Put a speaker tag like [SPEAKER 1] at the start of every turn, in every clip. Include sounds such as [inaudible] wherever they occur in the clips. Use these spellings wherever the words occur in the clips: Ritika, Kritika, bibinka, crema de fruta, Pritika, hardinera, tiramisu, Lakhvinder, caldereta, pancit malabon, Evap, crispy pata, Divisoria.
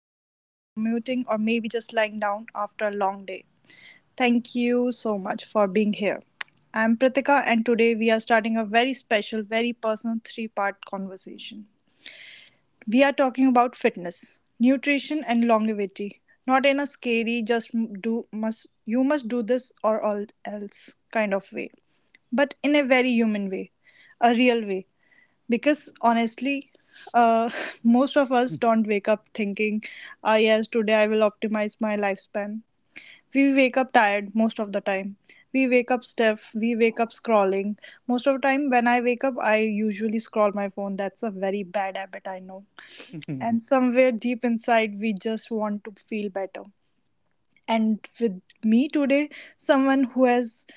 [SPEAKER 1] walking or commuting or maybe just lying down after a long day, thank you so much for being here. I'm Pritika, and today we are starting a very special, very personal three-part conversation. We are talking about fitness, nutrition, and longevity. Not in a scary, just do must you must do this or all else kind of way, but in a very human way, a real way, because honestly, uh, [laughs] most of us don't wake up thinking, ah yes, today I will optimize my lifespan. We wake up tired most of the time, we wake up stiff, we wake up scrolling. Most of the time when I wake up, I usually scroll my phone. That's a very bad habit, I know. And
[SPEAKER 2] [laughs]
[SPEAKER 1] somewhere deep inside, we just want to feel better. And with me today, someone who has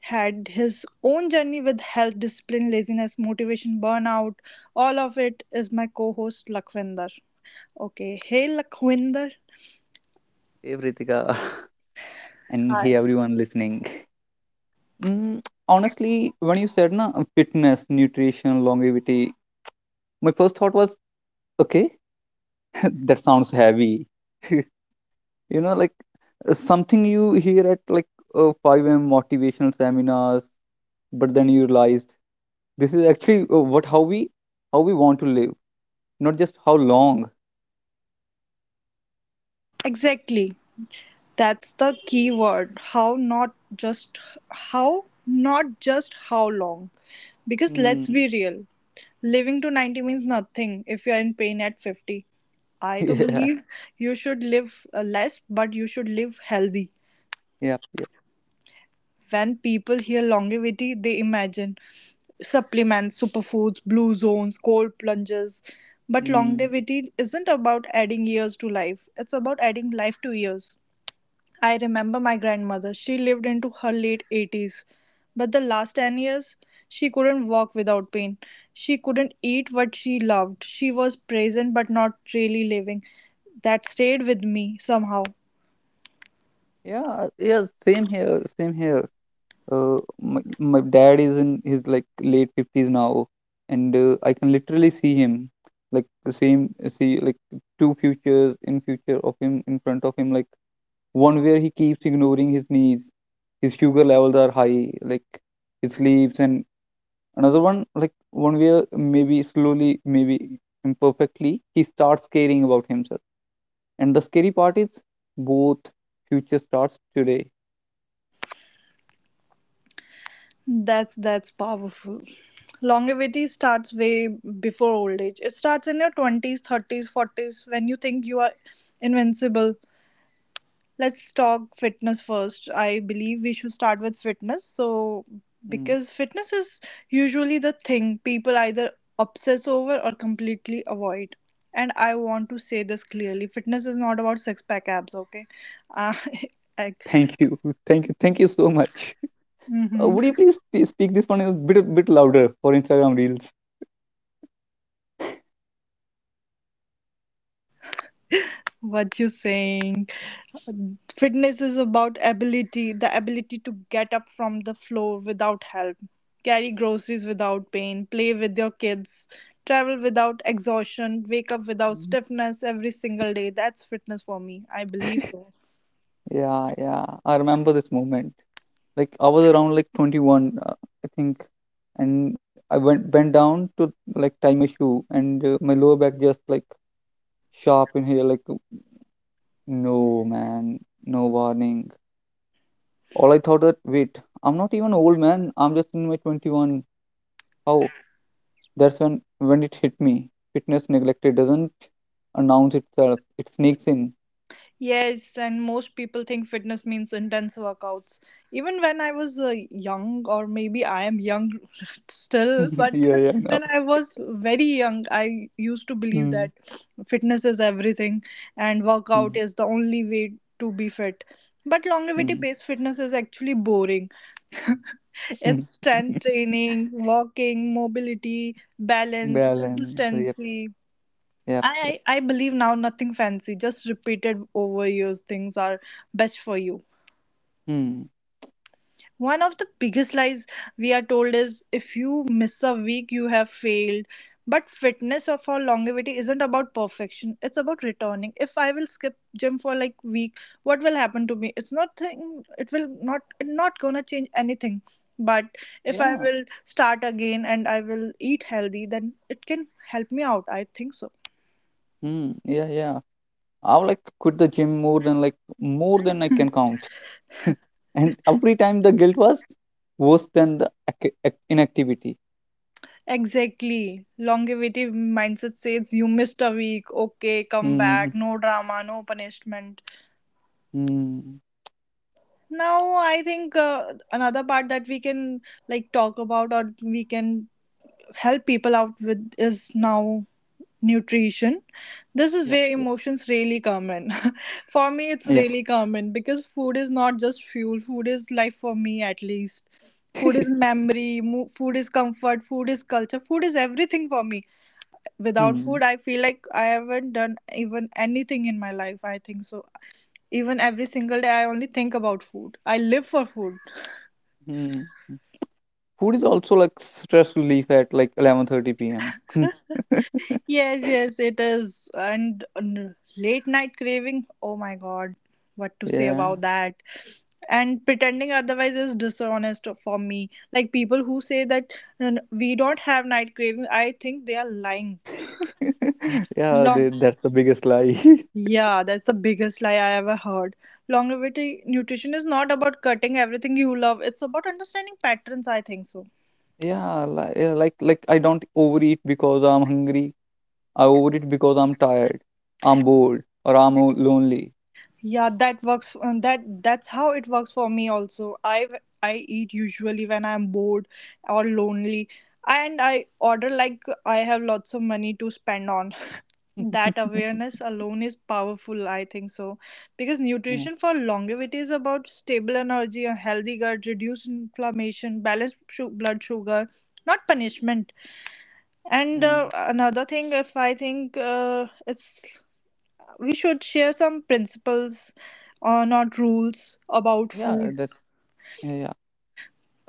[SPEAKER 1] had his own journey with health, discipline, laziness, motivation, burnout, all of it, is my co host Lakhvinder. Okay, hey Lakhvinder.
[SPEAKER 2] Hey Ritika [laughs] and hey everyone listening. Mm, Honestly, when you said na fitness, nutrition, longevity, my first thought was okay, [laughs] that sounds heavy. You know, like something you hear at like 5 a.m. motivational seminars, but then you realized this is actually what how we want to live, not just how long.
[SPEAKER 1] Exactly. That's the key word. How, not just how, not just how long. Because let's
[SPEAKER 2] Mm,
[SPEAKER 1] be real, living to 90 means nothing if you're in pain at 50.
[SPEAKER 2] [laughs]
[SPEAKER 1] I to
[SPEAKER 2] yeah,
[SPEAKER 1] believe you should live less, but you should live healthy.
[SPEAKER 2] yeah.
[SPEAKER 1] When people hear longevity, they imagine supplements, superfoods, blue zones, cold plunges. But
[SPEAKER 2] Mm,
[SPEAKER 1] longevity isn't about adding years to life, it's about adding life to years. I remember my grandmother, she lived into her late 80s, but the last 10 years, she couldn't walk without pain. She couldn't eat what she loved. She was present but not really living. That stayed with me somehow.
[SPEAKER 2] yeah, yeah. Same here, same here. My dad is in his like late 50s now and I can literally see him like the same see like two futures in future of him in front of him like one where he keeps ignoring his knees, his sugar levels are high, like he sleeps. And another one, like one where maybe slowly, maybe imperfectly, he starts caring about himself. And the scary part is both future starts today.
[SPEAKER 1] That's powerful. Longevity starts way before old age. It starts in your 20s, 30s, 40s when you think you are invincible. Let's talk fitness first. I believe we should start with fitness. So
[SPEAKER 2] Mm.
[SPEAKER 1] because fitness is usually the thing people either obsess over or completely avoid. And I want to say this clearly. Fitness is not about six pack abs, okay? Uh, [laughs] like,
[SPEAKER 2] Thank you, [laughs] thank you, thank you so much.
[SPEAKER 1] mhm,
[SPEAKER 2] Would you please speak this one a bit louder for Instagram Reels?
[SPEAKER 1] what you saying? Fitness is about ability, the ability to get up from the floor without help, carry groceries without pain, play with your kids, travel without exhaustion, wake up without
[SPEAKER 2] Mhm.
[SPEAKER 1] stiffness every single day. That's fitness for me. I believe so.
[SPEAKER 2] Yeah, yeah. I remember this moment. Like I was around like 21, I think, and I went bent down to like tie my shoe, and my lower back just like sharp in here. Like no man, no warning. All I thought that wait, I'm not even old man. I'm just in my 21. How? That's when it hit me. Fitness neglected doesn't announce itself. It sneaks in.
[SPEAKER 1] Yes, and most people think fitness means intense workouts. Even when I was young, or maybe I am young [laughs] still,
[SPEAKER 2] [laughs]
[SPEAKER 1] but
[SPEAKER 2] yeah, yeah,
[SPEAKER 1] [laughs]
[SPEAKER 2] no.
[SPEAKER 1] when I was very young, I used to believe
[SPEAKER 2] Hmm,
[SPEAKER 1] that fitness is everything and workout
[SPEAKER 2] hmm,
[SPEAKER 1] is the only way to be fit. But longevity
[SPEAKER 2] hmm,
[SPEAKER 1] based fitness is actually boring.
[SPEAKER 2] hmm.
[SPEAKER 1] It's strength
[SPEAKER 2] [laughs]
[SPEAKER 1] training, walking, mobility, balance,
[SPEAKER 2] Balance. Yep,
[SPEAKER 1] consistency.
[SPEAKER 2] yep, yep.
[SPEAKER 1] I believe now nothing fancy, just repeated overused things are best for you.
[SPEAKER 2] Hmm.
[SPEAKER 1] One of the biggest lies we are told is if you miss a week, you have failed. But fitness or for longevity isn't about perfection, it's about returning. If I will skip gym for like week, what will happen to me? It's not thing; it will not, it's not gonna change anything. But if I
[SPEAKER 2] Yeah.
[SPEAKER 1] will start again and I will eat healthy, then it can help me out. I think so.
[SPEAKER 2] Hmm. Yeah, yeah. I've like quit the gym more than I can count. [laughs] And every time the guilt was worse than the inactivity.
[SPEAKER 1] Exactly. Longevity mindset says you missed a week, okay, come
[SPEAKER 2] Hmm.
[SPEAKER 1] back, no drama, no punishment.
[SPEAKER 2] Hmm.
[SPEAKER 1] Now, I think another part that we can like talk about or we can help people out with is now nutrition. This is
[SPEAKER 2] Yeah.
[SPEAKER 1] where
[SPEAKER 2] Yeah.
[SPEAKER 1] emotions really come in. [laughs] For me, it's really common because food is not just fuel, food is life for me at least. Food
[SPEAKER 2] Yeah.
[SPEAKER 1] is
[SPEAKER 2] [laughs]
[SPEAKER 1] memory, food is comfort, food is culture, food is everything for me. Without
[SPEAKER 2] hmm.
[SPEAKER 1] food, I feel like I haven't done even anything in my life. I think so. Even every single day, I only think about food. I live for food.
[SPEAKER 2] Hmm. Food is also like stress relief at like 11:30 p.m. [laughs]
[SPEAKER 1] Yes, yes, it is. And late night craving. Oh my god, what to say
[SPEAKER 2] Yeah.
[SPEAKER 1] about that? And pretending otherwise is dishonest for me. Like people who say that, "No, no, we don't have night craving," I think they are lying.
[SPEAKER 2] [laughs] Yeah, that's the biggest lie. [laughs]
[SPEAKER 1] Yeah, that's the biggest lie I ever heard. Longevity nutrition is not about cutting everything you love. It's about understanding patterns, I think so.
[SPEAKER 2] Yeah, like I don't overeat because I'm hungry. I overeat because I'm tired, I'm bored, or I'm lonely.
[SPEAKER 1] Yeah, that works that's how it works for me also. I eat usually when I'm bored or lonely and I order like I have lots of money to spend on. That awareness
[SPEAKER 2] [laughs]
[SPEAKER 1] alone is powerful, I think so. Because
[SPEAKER 2] Yeah.
[SPEAKER 1] nutrition for longevity is about stable energy, a healthy gut, reduced inflammation, balanced blood sugar, not punishment. And
[SPEAKER 2] Mm.
[SPEAKER 1] another thing, if I think it's, we should share some principles, not rules about
[SPEAKER 2] Yeah,
[SPEAKER 1] food.
[SPEAKER 2] that's yeah, yeah.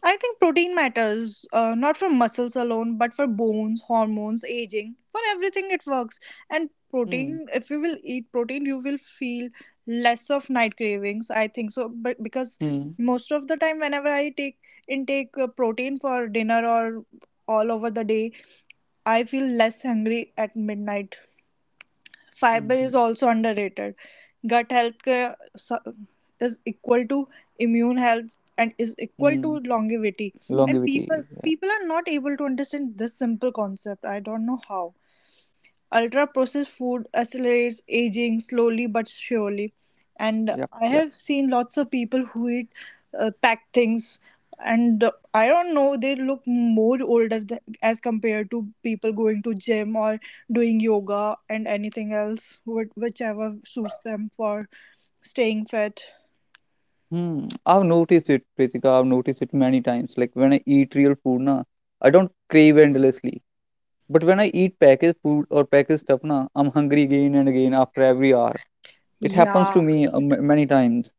[SPEAKER 1] I think protein matters, not for muscles alone, but for bones, hormones, aging, for everything it works. And
[SPEAKER 2] Mm.
[SPEAKER 1] protein, if you will eat protein, you will feel less of night cravings. I think so, but because
[SPEAKER 2] Mm.
[SPEAKER 1] most of the time, whenever I take intake protein for dinner or all over the day, I feel less hungry at midnight. Fiber
[SPEAKER 2] Mm.
[SPEAKER 1] is also underrated. Gut health care is equal to immune health and is equal
[SPEAKER 2] Mm.
[SPEAKER 1] to longevity. And people
[SPEAKER 2] Longevity. Yeah.
[SPEAKER 1] people are not able to understand this simple concept. I don't know how. Ultra-processed food accelerates aging slowly but surely, and I
[SPEAKER 2] Yeah.
[SPEAKER 1] have seen lots of people who eat packed things, and I don't know, they look more older as compared to people going to gym or doing yoga and anything else, whichever suits them for staying fit.
[SPEAKER 2] Hmm. I've noticed it, Pritika. I've noticed it many times. Like when I eat real food, na, I don't crave endlessly. But when I eat packaged food or packaged stuff, na, I'm hungry again and again after every hour. It happens to
[SPEAKER 1] Yeah.
[SPEAKER 2] me many times.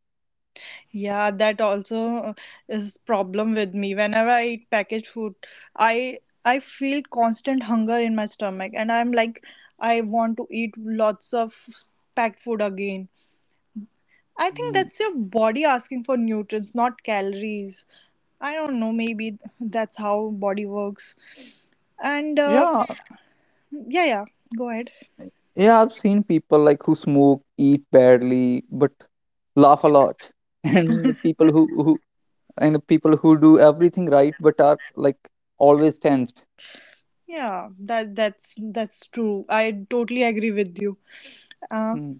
[SPEAKER 1] Yeah, that also is problem with me. Whenever I eat packaged food, I I feel constant hunger in my stomach and I'm like I want to eat lots of packed food again. I think
[SPEAKER 2] Mhm.
[SPEAKER 1] that's your body asking for nutrients, not calories. I don't know, maybe that's how body works. And
[SPEAKER 2] Yeah,
[SPEAKER 1] yeah, yeah, go ahead.
[SPEAKER 2] yeah. I've seen people like who smoke, eat badly, but laugh a lot, [laughs] and the
[SPEAKER 1] [laughs]
[SPEAKER 2] people who who and the people who do everything right but are like always tensed.
[SPEAKER 1] Yeah, that's true. I totally agree with you. Uh,
[SPEAKER 2] Mm-hmm.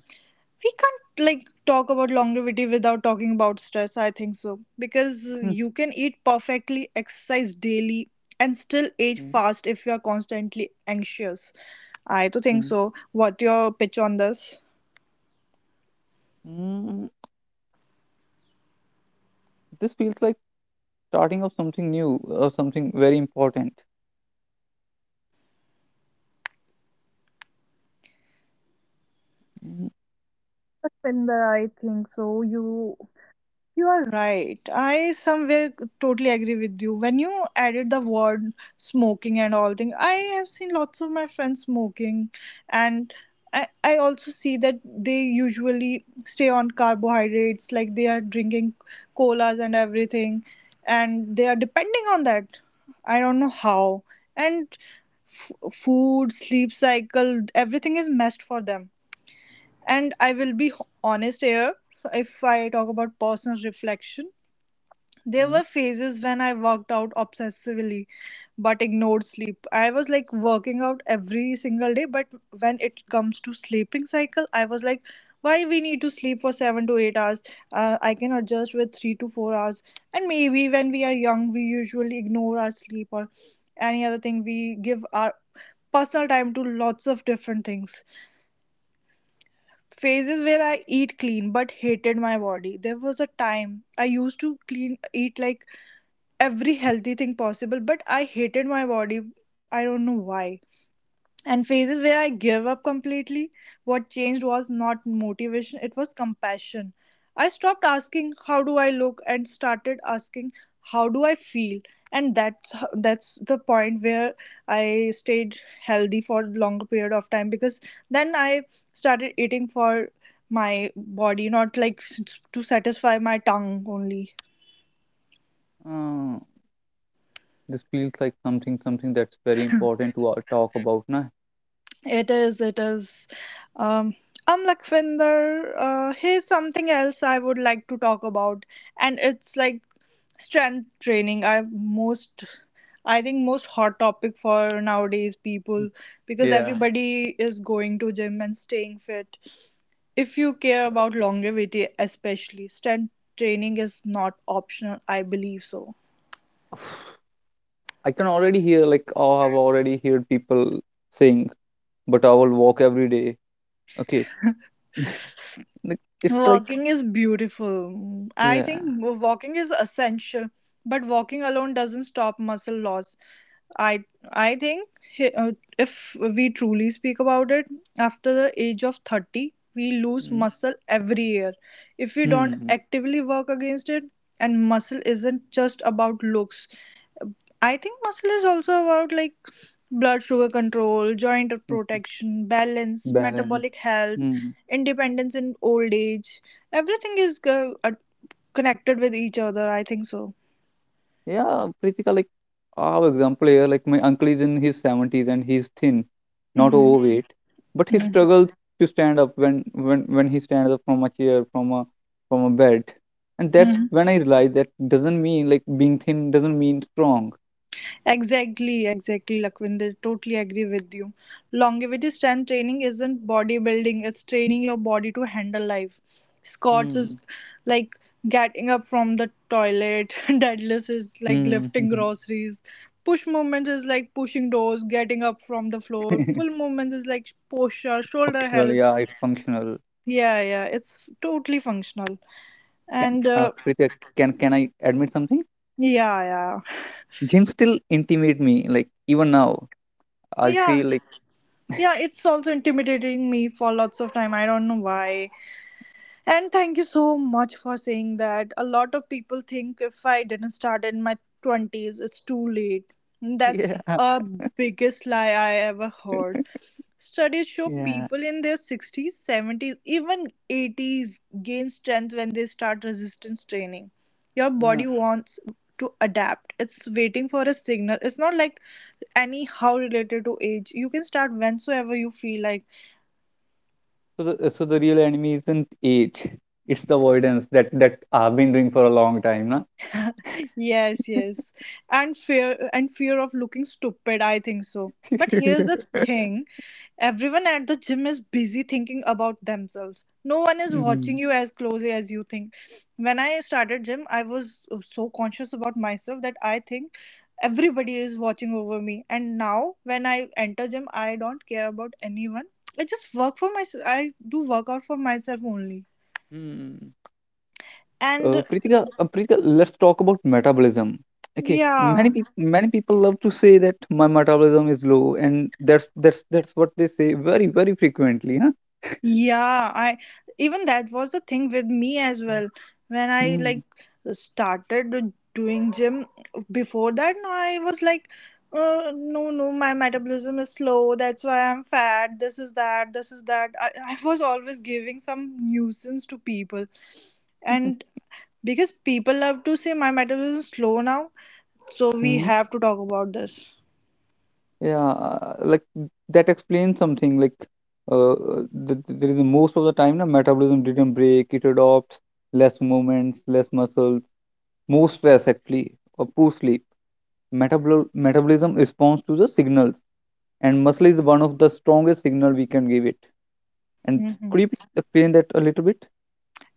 [SPEAKER 1] we can't like talk about longevity without talking about stress, I think so, because you can eat perfectly, exercise daily, and still age
[SPEAKER 2] Mm-hmm. [laughs]
[SPEAKER 1] fast if you are constantly anxious. I too think
[SPEAKER 2] Mm,
[SPEAKER 1] so. What your pitch on this?
[SPEAKER 2] mm. This feels like starting of something new or something very important. Mhm,
[SPEAKER 1] Pinder, I think so you. You are right. I somewhere totally agree with you. When you added the word smoking and all thing, I have seen lots of my friends smoking, and I also see that they usually stay on carbohydrates, like they are drinking colas and everything, and they are depending on that. I don't know how. And food, sleep cycle, everything is messed for them. And I will be honest here if I talk about personal reflection. There
[SPEAKER 2] mhm.
[SPEAKER 1] were phases when I worked out obsessively but ignored sleep. I was like working out every single day, but when it comes to sleeping cycle, I was like, why we need to sleep for 7 to 8 hours? I can adjust with 3 to 4 hours. And maybe when we are young, we usually ignore our sleep or any other thing. We give our personal time to lots of different things. Phases where I eat clean but hated my body. There was a time I used to clean eat like every healthy thing possible, but I hated my body. I don't know why. And phases where I gave up completely. What changed was not motivation, it was compassion. I stopped asking how do I look and started asking how do I feel. And that's the point where I stayed healthy for longer period of time, because then I started eating for my body, not like to satisfy my tongue only.
[SPEAKER 2] Uh, this feels like something that's very important to talk about, na?
[SPEAKER 1] It is, it is. Um, Lakwinder, here's something else I would like to talk about, and it's like strength training. I think most hot topic for nowadays people because
[SPEAKER 2] Yeah.
[SPEAKER 1] everybody is going to gym and staying fit. If you care about longevity, especially strength training is not optional. I believe so.
[SPEAKER 2] [sighs] I can already hear like oh, I've already heard people saying, but I will walk every day. Okay, like, it's like
[SPEAKER 1] Walking is beautiful. I
[SPEAKER 2] yeah,
[SPEAKER 1] think walking is essential, but walking alone doesn't stop muscle loss. I I think if we truly speak about it, after the age of 30, we lose
[SPEAKER 2] mm-hmm.
[SPEAKER 1] muscle every year. If we don't
[SPEAKER 2] Hmm.
[SPEAKER 1] actively work against it, and muscle isn't just about looks. I think muscle is also about like blood sugar control, joint
[SPEAKER 2] Hmm.
[SPEAKER 1] protection, balance,
[SPEAKER 2] Balance.
[SPEAKER 1] metabolic health,
[SPEAKER 2] Hmm.
[SPEAKER 1] independence in old age, everything is connected with each other, I think so.
[SPEAKER 2] Yeah, Pritika, like our example here, like my uncle is in his 70s and he's thin, not
[SPEAKER 1] Mm-hmm.
[SPEAKER 2] overweight, but he struggles to stand up when when he stands up from a chair, from a bed. And that's
[SPEAKER 1] Mm-hmm.
[SPEAKER 2] when I realized that doesn't mean like being thin doesn't mean strong.
[SPEAKER 1] Exactly, exactly, Lakwinder. Totally agree with you. Longevity strength training isn't bodybuilding, it's training your body to handle life. Squats is
[SPEAKER 2] Hmm.
[SPEAKER 1] like getting up from the toilet, [laughs] deadlifts is like
[SPEAKER 2] Hmm.
[SPEAKER 1] lifting groceries, push movements is like pushing doors, getting up from the floor, pull
[SPEAKER 2] [laughs]
[SPEAKER 1] movements is like posture, shoulder
[SPEAKER 2] Functional,
[SPEAKER 1] health.
[SPEAKER 2] yeah, it's functional.
[SPEAKER 1] Yeah, yeah, it's totally functional.
[SPEAKER 2] Can
[SPEAKER 1] And
[SPEAKER 2] Pritika, can I admit something?
[SPEAKER 1] yeah, yeah,
[SPEAKER 2] Gym still intimidate me, like even now. I
[SPEAKER 1] yeah,
[SPEAKER 2] feel like
[SPEAKER 1] yeah, it's also intimidating me for lots of time. I don't know why. And thank you so much for saying that. A lot of people think if I didn't start in my 20s, it's too late.
[SPEAKER 2] [laughs]
[SPEAKER 1] That's
[SPEAKER 2] yeah,
[SPEAKER 1] a biggest lie I ever heard. Studies show
[SPEAKER 2] yeah.
[SPEAKER 1] people in their 60s, 70s, even 80s gain strength when they start resistance training. Your body wants to adapt. It's waiting for a signal. It's not like anyhow related to age. You can start whensoever you feel like.
[SPEAKER 2] So the real enemy isn't age, it's the avoidance that I've been doing for a long time, na?
[SPEAKER 1] Yes, yes. And fear of looking stupid, I think so. But here's the
[SPEAKER 2] [laughs]
[SPEAKER 1] thing. Everyone at the gym is busy thinking about themselves. No one is watching
[SPEAKER 2] Hmm.
[SPEAKER 1] you as closely as you think. When I started gym, I was so conscious about myself that I think everybody is watching over me. And now when I enter gym, I don't care about anyone. I just work for myself. I do workout for myself only.
[SPEAKER 2] Hmm.
[SPEAKER 1] And
[SPEAKER 2] Pritika, let's talk about metabolism. Okay,
[SPEAKER 1] yeah.
[SPEAKER 2] many people love to say that my metabolism is low, and that's what they say very frequently, huh?
[SPEAKER 1] Yeah, I even that was the thing with me as well. When I
[SPEAKER 2] Hmm.
[SPEAKER 1] like started doing gym before that, I was like, no, no, my metabolism is slow. That's why I'm fat. This is that. This is that. I was always giving some nuisance to people, and because people love to say my metabolism is slow now, so we
[SPEAKER 2] Hmm.
[SPEAKER 1] have to talk about this.
[SPEAKER 2] Yeah, like that explains something. Like, uh, there is most of the time, na, metabolism didn't break. It adopts less movements, less muscle, moves basically or poor sleep. Metabolism responds to the signals, and muscle is one of the strongest signal we can give it. And
[SPEAKER 1] Hmm.
[SPEAKER 2] could you please explain that a little bit?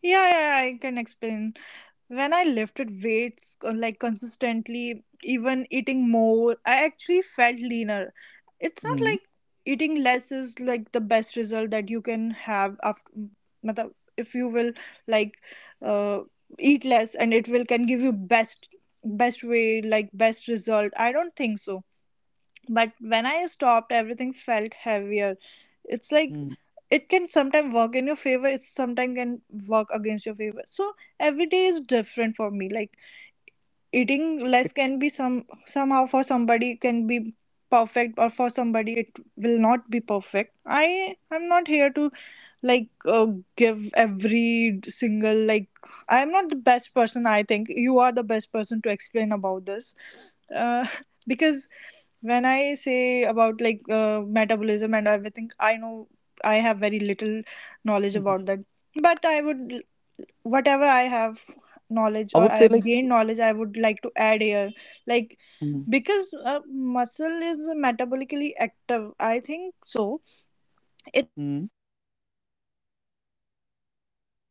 [SPEAKER 1] Yeah, yeah, I can explain. When I lifted weights like consistently, even eating more, I actually felt leaner. It's not
[SPEAKER 2] Mm,
[SPEAKER 1] like eating less is like the best result that you can have after matlab, if you will like uh, eat less and it will can give you best way like best result. I don't think so. But when I stopped, everything felt heavier. It's like
[SPEAKER 2] mm,
[SPEAKER 1] it can sometimes work in your favor, it sometimes can work against your favor. So every day is different for me, like eating
[SPEAKER 2] It,
[SPEAKER 1] less can be, somehow for somebody can be perfect, or for somebody it will not be perfect. I'm not here to like give every single like I'm not the best person. I think you are the best person to explain about this, uh, [laughs] because when I say about like metabolism and everything I know I have very little knowledge
[SPEAKER 2] mhm,
[SPEAKER 1] about that. But I would, whatever I have knowledge
[SPEAKER 2] I
[SPEAKER 1] or
[SPEAKER 2] would
[SPEAKER 1] I
[SPEAKER 2] say
[SPEAKER 1] have
[SPEAKER 2] like
[SPEAKER 1] gained knowledge I would like to add here, like
[SPEAKER 2] mm,
[SPEAKER 1] because muscle is metabolically active, I think so.
[SPEAKER 2] mm,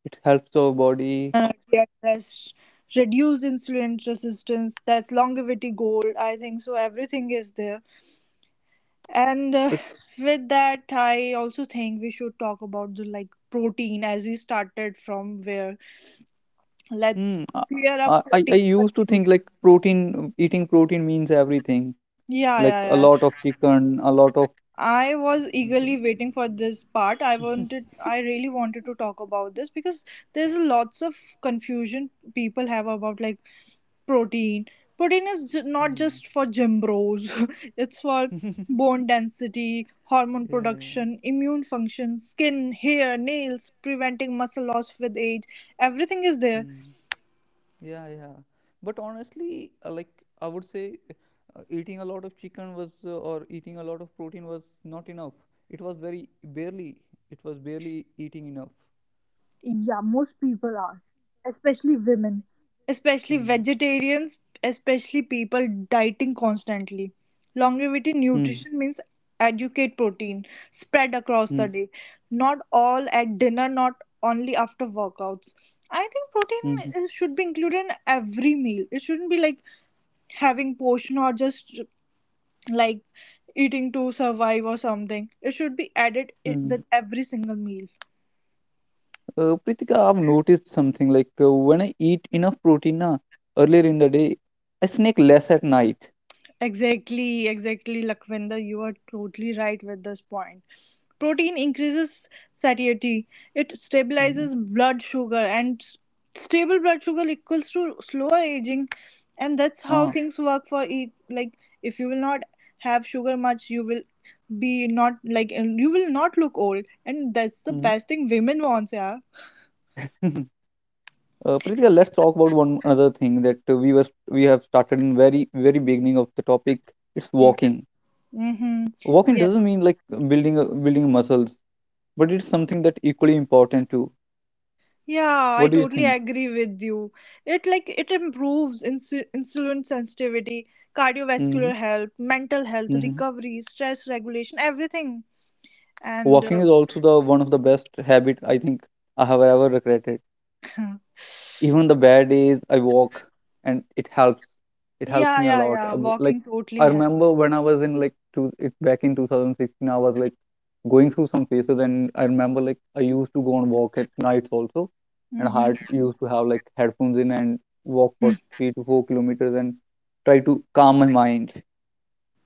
[SPEAKER 2] it helps our body.
[SPEAKER 3] Energy rest, reduce insulin resistance. That's longevity gold. I think so. Everything is there. And
[SPEAKER 2] Like
[SPEAKER 3] With that, I also think we should talk about the protein as we started from where.
[SPEAKER 2] hmm,
[SPEAKER 3] Let's clear up
[SPEAKER 2] I
[SPEAKER 3] protein
[SPEAKER 2] used to think
[SPEAKER 3] confusion.
[SPEAKER 2] like protein eating protein means everything, like
[SPEAKER 3] Yeah,
[SPEAKER 2] a
[SPEAKER 3] yeah,
[SPEAKER 2] lot of
[SPEAKER 3] yeah.
[SPEAKER 2] chicken, a lot of
[SPEAKER 3] I was eagerly waiting for this part. I really wanted to talk about this because there's lots of confusion people have about like protein. Protein is not just for gym bros. [laughs] It's for bone density, hormone production, immune function, skin, hair, nails, preventing muscle loss with age. Everything is there. Yeah, most people are, especially women, especially vegetarians, especially people dieting constantly. Longevity
[SPEAKER 2] Hmm,
[SPEAKER 3] nutrition means educate protein spread across the
[SPEAKER 2] hmm,
[SPEAKER 3] day, not all at dinner, not only after workouts. I think
[SPEAKER 2] hmm.
[SPEAKER 3] protein should be included in every meal. It shouldn't be like having portion or just like eating to survive or something. It should be added
[SPEAKER 2] Hmm.
[SPEAKER 3] with every single meal.
[SPEAKER 2] Pritika, I've noticed something like when I eat enough protein na, earlier in the day, I snack less at night.
[SPEAKER 3] Exactly, exactly, Lakhvinder. You are totally right with this point. Protein increases satiety, it
[SPEAKER 2] Mm-hmm.
[SPEAKER 3] stabilizes blood sugar, and stable blood sugar equals to slower aging. And that's
[SPEAKER 2] Uh,
[SPEAKER 3] how things work for eat. Like, if you will not have sugar much, you will be not like you will not look old, and that's the best thing women wants, yeah.
[SPEAKER 2] hmm [laughs] Pritika, let's talk about one another thing that we have started in very beginning of the topic. It's walking.
[SPEAKER 3] Mm-hmm.
[SPEAKER 2] Walking
[SPEAKER 3] Yeah.
[SPEAKER 2] doesn't mean like building muscles, but it's something that equally important too.
[SPEAKER 3] Yeah, I
[SPEAKER 2] What do you
[SPEAKER 3] totally
[SPEAKER 2] think?
[SPEAKER 3] agree with you. It it improves insulin sensitivity,
[SPEAKER 2] Mm-hmm.
[SPEAKER 3] cardiovascular health, mental health,
[SPEAKER 2] Mm-hmm.
[SPEAKER 3] recovery, stress regulation, everything. And
[SPEAKER 2] Walking is also the one of the best habit I think I have ever regretted.
[SPEAKER 3] [clears throat] [laughs]
[SPEAKER 2] Even the bad days I walk and it helps, it helps
[SPEAKER 3] Yeah,
[SPEAKER 2] me a
[SPEAKER 3] yeah,
[SPEAKER 2] lot.
[SPEAKER 3] yeah,
[SPEAKER 2] Like
[SPEAKER 3] walking totally
[SPEAKER 2] I remember
[SPEAKER 3] helps.
[SPEAKER 2] when I was in like two it back in 2016 I was like going through some phases, and I remember like I used to go and walk at nights also, and I
[SPEAKER 3] Mm-hmm.
[SPEAKER 2] had used to have like headphones in and walk for 3 to 4 kilometers and try to calm my mind.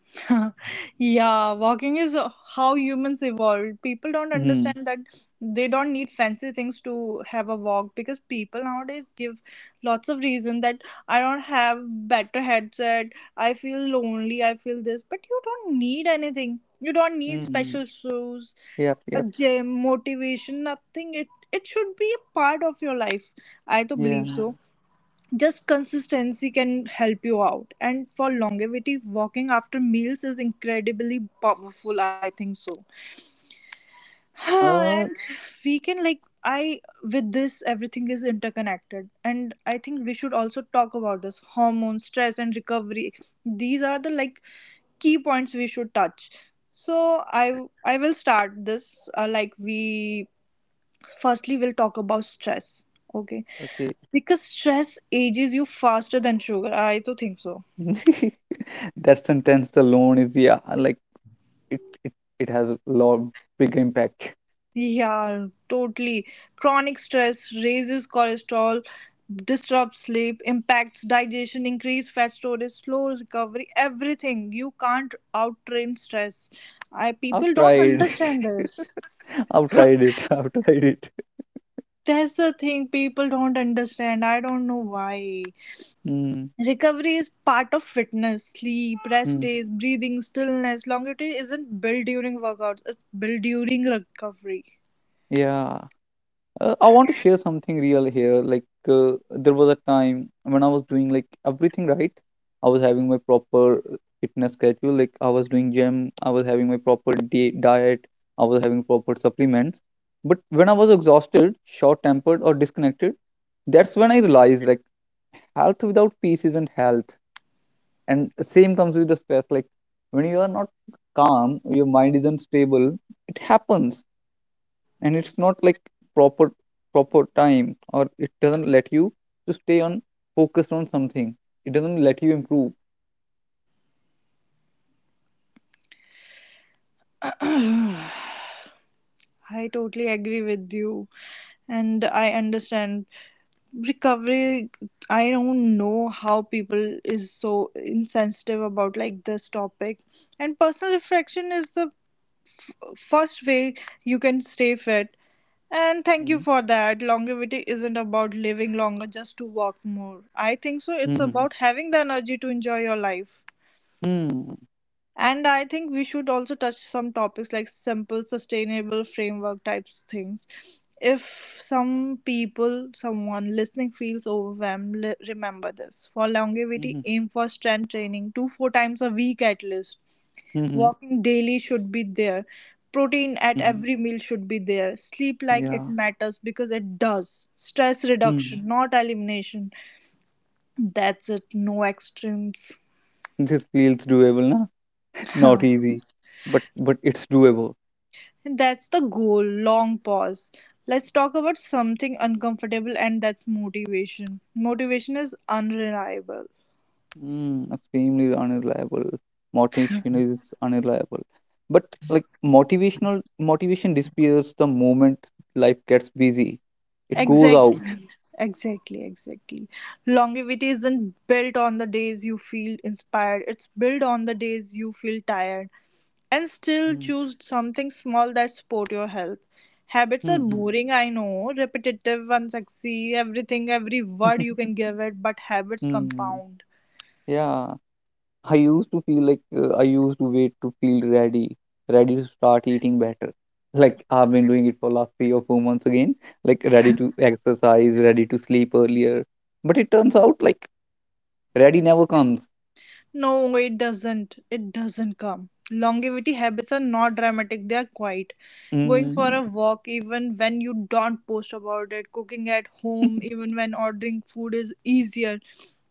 [SPEAKER 3] [laughs] Yeah, walking is how humans evolved. People don't
[SPEAKER 2] Mm.
[SPEAKER 3] understand that they don't need fancy things to have a walk because people nowadays give lots of reason that I don't have better headset, I feel lonely, I feel this, but you don't need anything. You don't need
[SPEAKER 2] Mm.
[SPEAKER 3] special shoes,
[SPEAKER 2] yep
[SPEAKER 3] a
[SPEAKER 2] yep
[SPEAKER 3] gym, motivation, nothing. It should be a part of your life. I to
[SPEAKER 2] yeah
[SPEAKER 3] believe so, just consistency can help you out, and for longevity walking after meals is incredibly powerful, I think so. [sighs]
[SPEAKER 2] uh
[SPEAKER 3] And we can like I with this everything is interconnected, and I think we should also talk about this hormone stress and recovery. These are the like key points we should touch. So I will start this like we firstly we'll talk about stress. Okay.
[SPEAKER 2] okay
[SPEAKER 3] Because stress ages you faster than sugar, I do think so.
[SPEAKER 2] [laughs] That sentence alone is yeah, like it it, it has a lot big impact.
[SPEAKER 3] Yeah, totally. Chronic stress raises cholesterol, disrupts sleep, impacts digestion, increase fat storage, slow recovery, everything. You can't outtrain stress. I
[SPEAKER 2] [laughs] I've
[SPEAKER 3] People don't
[SPEAKER 2] tried,
[SPEAKER 3] understand
[SPEAKER 2] [laughs]
[SPEAKER 3] this.
[SPEAKER 2] I've tried it, [laughs] I've tried it.
[SPEAKER 3] That's the thing people don't understand, I don't know why.
[SPEAKER 2] Mm,
[SPEAKER 3] Recovery is part of fitness. Sleep, rest
[SPEAKER 2] mm,
[SPEAKER 3] days, breathing, stillness. Longevity isn't built during workouts, it's built during recovery.
[SPEAKER 2] yeah, I want to share something real here. Like there was a time when I was doing like everything right. I was having my proper fitness schedule. Like I was doing gym, I was having my proper diet, I was having proper supplements. But when I was exhausted, short-tempered, or disconnected, that's when I realized like health without peace isn't health. And the same comes with the stress. Like when you are not calm your mind isn't stable, it happens, and it's not like proper proper time or it doesn't let you to stay on focused on something, it doesn't let you improve.
[SPEAKER 3] I totally agree with you, and I understand recovery. I don't know how people is so insensitive about like this topic. And personal reflection is the first way you can stay fit. And thank
[SPEAKER 2] Mhm.
[SPEAKER 3] you for that. Longevity isn't about living longer just to walk more, I think so. It's
[SPEAKER 2] Mhm.
[SPEAKER 3] about having the energy to enjoy your life.
[SPEAKER 2] Mhm.
[SPEAKER 3] And I think we should also touch some topics like simple, sustainable framework types things. If some people, someone listening feels overwhelmed, remember this. For longevity,
[SPEAKER 2] Mhm.
[SPEAKER 3] aim for strength training two, four times a week at least.
[SPEAKER 2] hmm
[SPEAKER 3] Walking daily should be there. Protein at
[SPEAKER 2] Mhm.
[SPEAKER 3] every meal should be there. Sleep like it
[SPEAKER 2] yeah
[SPEAKER 3] matters because it does. Stress
[SPEAKER 2] Mhm.
[SPEAKER 3] reduction, not elimination. That's it. No extremes.
[SPEAKER 2] This feels doable, na? Not
[SPEAKER 3] [laughs]
[SPEAKER 2] easy, but it's doable.
[SPEAKER 3] That's the goal. Long pause. Let's talk about something uncomfortable, and that's motivation. Motivation is unreliable.
[SPEAKER 2] Mm, extremely unreliable. Motivation is unreliable. But like motivation disappears the moment life gets busy. It goes out.
[SPEAKER 3] Exactly. Exactly, exactly. Longevity isn't built on the days you feel inspired, it's built on the days you feel tired. And still
[SPEAKER 2] Mm.
[SPEAKER 3] choose something small that support your health. Habits are
[SPEAKER 2] Mm-hmm.
[SPEAKER 3] boring, I know, repetitive, unsexy, everything, every word you
[SPEAKER 2] [laughs]
[SPEAKER 3] can give it, but habits
[SPEAKER 2] Mm,
[SPEAKER 3] compound.
[SPEAKER 2] yeah, I used to feel like I used to wait to feel ready, ready to start eating better. Like I've been doing it for last 3 or 4 months again, like ready to exercise, ready to sleep earlier. But it turns out like ready never comes.
[SPEAKER 3] No, it doesn't. It doesn't come. Longevity habits are not dramatic, they are quiet. Going for
[SPEAKER 2] Mm,
[SPEAKER 3] a walk, even when you don't post about it, cooking at home, even when ordering food is easier,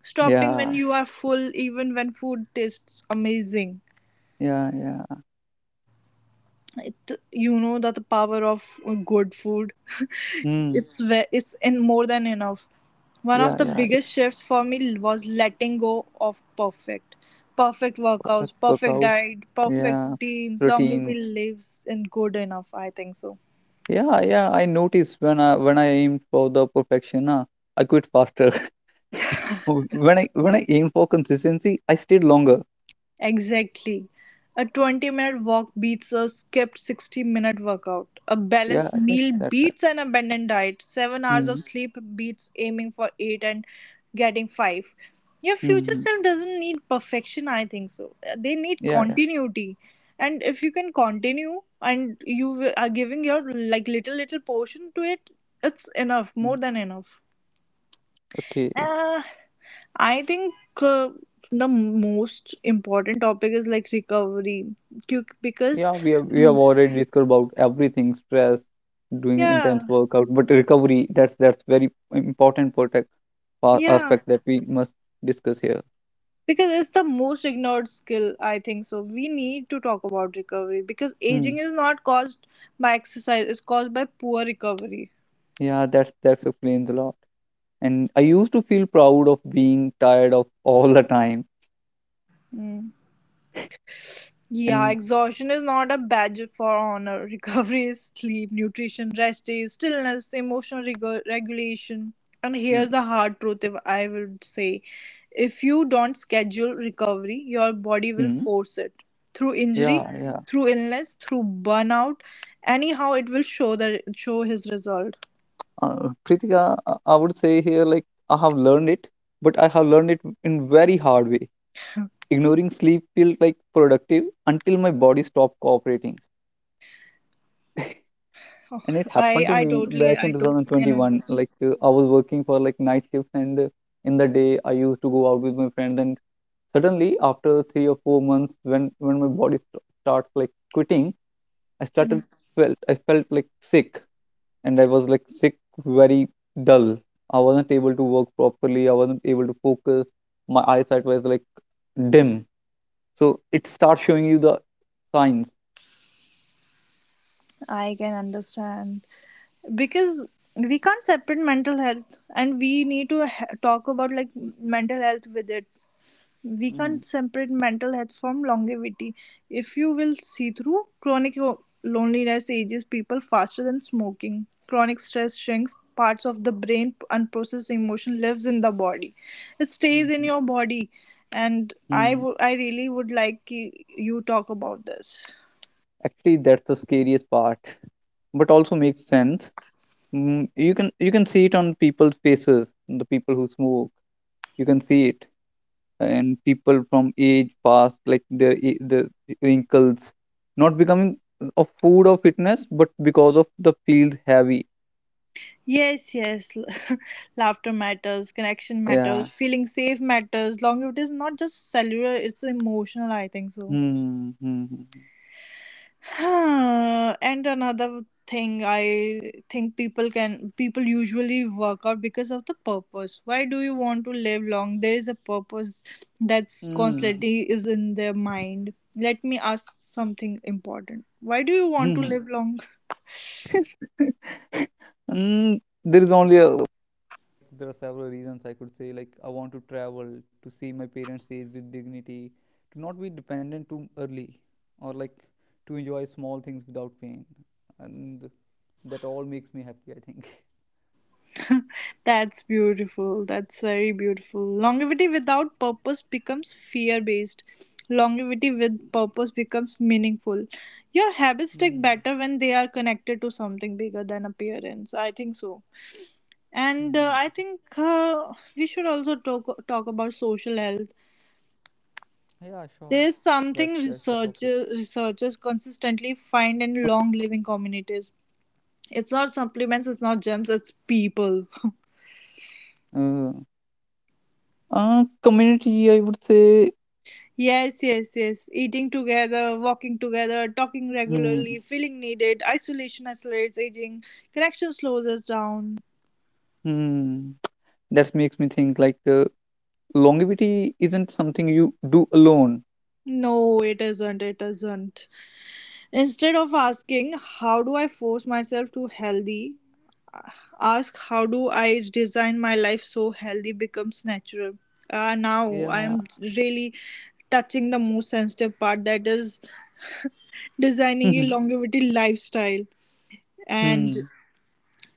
[SPEAKER 3] stopping when
[SPEAKER 2] yeah.
[SPEAKER 3] you are full, even when food tastes amazing.
[SPEAKER 2] Yeah, yeah.
[SPEAKER 3] It, you know that the power of good food.
[SPEAKER 2] Hmm.
[SPEAKER 3] It's it's in more than enough. One
[SPEAKER 2] Yeah,
[SPEAKER 3] of the
[SPEAKER 2] yeah.
[SPEAKER 3] biggest
[SPEAKER 2] It's
[SPEAKER 3] shifts for me was letting go of perfect. Perfect workouts,
[SPEAKER 2] perfect
[SPEAKER 3] perfect
[SPEAKER 2] workout.
[SPEAKER 3] diet, perfect
[SPEAKER 2] Yeah.
[SPEAKER 3] routines. Longevity
[SPEAKER 2] Routines.
[SPEAKER 3] lives in good enough, I think so.
[SPEAKER 2] Yeah, yeah. I notice when I aim for the perfection, I quit faster. [laughs] When I aim for consistency, I stayed longer.
[SPEAKER 3] Exactly. A 20-minute walk beats a skipped 60-minute workout. A
[SPEAKER 2] Yeah,
[SPEAKER 3] balanced meal
[SPEAKER 2] that's right.
[SPEAKER 3] beats an abandoned diet. 7 hours
[SPEAKER 2] Mm-hmm.
[SPEAKER 3] of sleep beats aiming for 8 and getting 5. Your future
[SPEAKER 2] Mm-hmm.
[SPEAKER 3] self doesn't need perfection, I think so. They need
[SPEAKER 2] Yeah, yeah.
[SPEAKER 3] continuity. And if you can continue and you are giving your like little portion to it, it's enough, more
[SPEAKER 2] Mm.
[SPEAKER 3] than enough.
[SPEAKER 2] Okay.
[SPEAKER 3] Uh, I think uh, the most important topic is like recovery. Because
[SPEAKER 2] Yeah, we have
[SPEAKER 3] mm,
[SPEAKER 2] already discussed about everything, stress, doing intense
[SPEAKER 3] yeah,
[SPEAKER 2] workout, but recovery, that's very important protect
[SPEAKER 3] yeah,
[SPEAKER 2] aspect that we must discuss here.
[SPEAKER 3] because it's the most ignored skill, I think so. We need to talk about recovery because aging is not caused by exercise, it's caused by poor recovery.
[SPEAKER 2] Yeah, that's that explains a lot. And I used to feel proud of being tired of all the time.
[SPEAKER 3] Mm.
[SPEAKER 2] And
[SPEAKER 3] Yeah, exhaustion is not a badge for honor. [laughs] Recovery is sleep, nutrition, rest days, stillness, emotional regulation. And
[SPEAKER 2] mm,
[SPEAKER 3] here's the hard truth, if I would say, if you don't schedule recovery, your body will
[SPEAKER 2] mm,
[SPEAKER 3] force it through
[SPEAKER 2] yeah,
[SPEAKER 3] injury,
[SPEAKER 2] yeah.
[SPEAKER 3] through illness, through burnout. Anyhow, it will show the show his result.
[SPEAKER 2] Kritika, I would say here like I have learned it, but I have learned it in very hard way. Ignoring sleep felt like productive until my body stopped cooperating. And it
[SPEAKER 3] I
[SPEAKER 2] happened to
[SPEAKER 3] I
[SPEAKER 2] me
[SPEAKER 3] totally
[SPEAKER 2] back
[SPEAKER 3] I
[SPEAKER 2] in
[SPEAKER 3] totally can
[SPEAKER 2] 2021.
[SPEAKER 3] understand.
[SPEAKER 2] Like I was working for like night shifts, and in the day I used to go out with my friends and suddenly after 3 or 4 months when my body starts like quitting, I started
[SPEAKER 3] Mhm.
[SPEAKER 2] felt, I felt like sick, and I was like sick, very dull. I wasn't able to work properly, I wasn't able to focus, my eyesight was like dim, so it starts showing you the signs.
[SPEAKER 3] I can understand. Because we can't separate mental health, and we need to talk about like mental health with it. We
[SPEAKER 2] Mm,
[SPEAKER 3] can't separate mental health from longevity. If you will see through loneliness ages people faster than smoking, chronic stress shrinks parts of the brain, unprocessed emotion lives in the body, it stays in
[SPEAKER 2] mhm,
[SPEAKER 3] your body. And
[SPEAKER 2] mhm.
[SPEAKER 3] I really would like you talk about this.
[SPEAKER 2] Actually that's the scariest part, but also makes sense. Mm, you can see it on people's faces, the people who smoke, you can see it. And people from age past like their the wrinkles not becoming of food or fitness but because of the feels heavy.
[SPEAKER 3] Yes, yes. [laughs] Laughter matters, connection
[SPEAKER 2] Yeah
[SPEAKER 3] matters, feeling safe matters. Longevity is not just cellular, it's emotional, I think so.
[SPEAKER 2] hmm, hmm,
[SPEAKER 3] [sighs] And another thing, I think people usually work out because of the purpose. Why do you want to live long? There is a purpose that's
[SPEAKER 2] hmm,
[SPEAKER 3] constantly is in their mind. Let me ask something important. Why do you want
[SPEAKER 2] hmm,
[SPEAKER 3] to
[SPEAKER 2] hmm.
[SPEAKER 3] live long?
[SPEAKER 2] [laughs] Hmm. There is only
[SPEAKER 3] [laughs] That's beautiful. That's very beautiful. Longevity without purpose becomes fear based. Longevity with purpose becomes meaningful. Your habits stick better when they are connected to something bigger than appearance. I think so. And I think we should also talk about social health. There's something researchers consistently find in long living communities. It's not supplements, it's not gems, it's people.
[SPEAKER 2] Uh, community, I would say,
[SPEAKER 3] Yes, yes, yes. Eating together, walking together, talking
[SPEAKER 2] hmm,
[SPEAKER 3] regularly, feeling needed. Isolation accelerates aging. Connection slows us down.
[SPEAKER 2] hmm, that makes me think like longevity isn't something you do alone.
[SPEAKER 3] No, it isn't. It isn't. Instead of asking, how do I force myself to healthy? Ask, how do I design my life so healthy becomes natural? Now I
[SPEAKER 2] Yeah,
[SPEAKER 3] am really touching the most sensitive part, that is
[SPEAKER 2] [laughs]
[SPEAKER 3] designing a
[SPEAKER 2] hmm,
[SPEAKER 3] longevity lifestyle. And
[SPEAKER 2] hmm,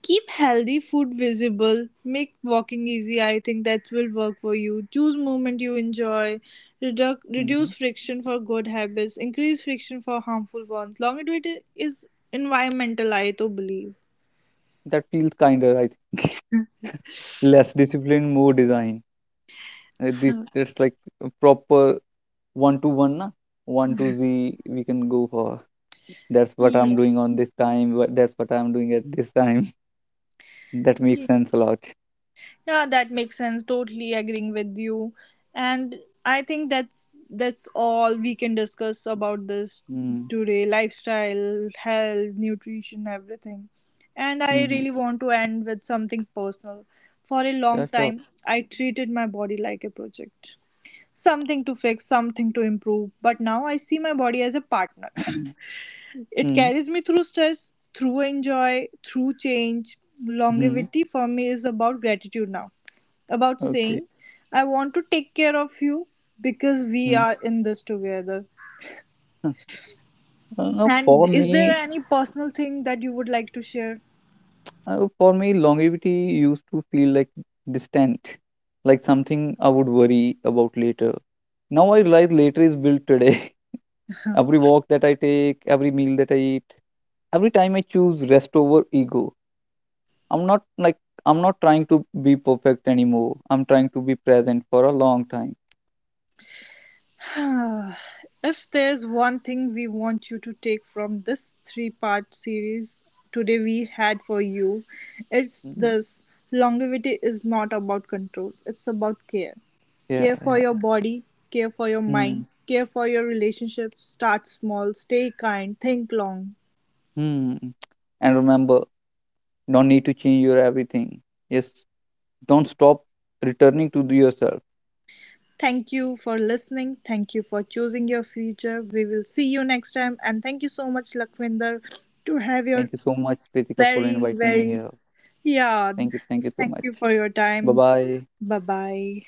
[SPEAKER 3] keep healthy food visible. Make walking easy. I think that will work for you. Choose movement you enjoy.
[SPEAKER 2] hmm.
[SPEAKER 3] Reduce friction for good habits. Increase friction for harmful ones. Longevity is environmental, I to believe.
[SPEAKER 2] That feels kinder, I think. [laughs] Less discipline, more design. This that's like a proper one to one, na? One to Z. We can go for. That's what I'm
[SPEAKER 3] Yeah.
[SPEAKER 2] doing on this time. What That's what I'm doing at this time. [laughs] That makes sense a lot.
[SPEAKER 3] Yeah, that makes sense. Totally agreeing with you. And I think that's all we can discuss about this
[SPEAKER 2] Hmm,
[SPEAKER 3] today. Lifestyle, health, nutrition, everything. And
[SPEAKER 2] hmm.
[SPEAKER 3] I
[SPEAKER 2] hmm.
[SPEAKER 3] really want to end with something personal. For a
[SPEAKER 2] Yeah,
[SPEAKER 3] long
[SPEAKER 2] sure.
[SPEAKER 3] time, I treated my body like a project. Something to fix, something to improve, but now I see my body as a partner. [laughs] It
[SPEAKER 2] Hmm.
[SPEAKER 3] carries me through stress, through enjoy, through change.
[SPEAKER 2] hmm.
[SPEAKER 3] Longevity for me is about gratitude now, about
[SPEAKER 2] Okay.
[SPEAKER 3] saying, I want to take care of you because we
[SPEAKER 2] Mm.
[SPEAKER 3] are in this together.
[SPEAKER 2] Huh. [laughs] Uh, for
[SPEAKER 3] And is there
[SPEAKER 2] me,
[SPEAKER 3] any personal thing that you would like to share?
[SPEAKER 2] for me, longevity used to feel like distant, like something I would worry about later. Now I realize later is built today. [laughs] Every walk that I take, every meal that I eat, every time I choose rest over ego. I'm not like I'm not trying to be perfect anymore. I'm trying to be present for a long time.
[SPEAKER 3] [sighs] If there's one thing we want you to take from this three-part series today we had for you, it's
[SPEAKER 2] Mhm.
[SPEAKER 3] this: longevity is not about control, it's about care.
[SPEAKER 2] Yeah,
[SPEAKER 3] Care for
[SPEAKER 2] yeah.
[SPEAKER 3] your body, care for your
[SPEAKER 2] Mm.
[SPEAKER 3] mind, care for your relationship. Start small, stay kind, think long.
[SPEAKER 2] Mm. And remember, don't need to change your everything. Yes, don't stop returning to yourself.
[SPEAKER 3] Thank you for listening. Thank you for choosing your future. We will see you next time. And thank you so much, Lakwinder, to have your
[SPEAKER 2] Thank you so much, Kritika, for
[SPEAKER 3] very,
[SPEAKER 2] inviting me
[SPEAKER 3] very —
[SPEAKER 2] here.
[SPEAKER 3] yeah.
[SPEAKER 2] Thank you so
[SPEAKER 3] Thank
[SPEAKER 2] much.
[SPEAKER 3] you for your
[SPEAKER 2] Bye
[SPEAKER 3] time.
[SPEAKER 2] bye.
[SPEAKER 3] Bye bye.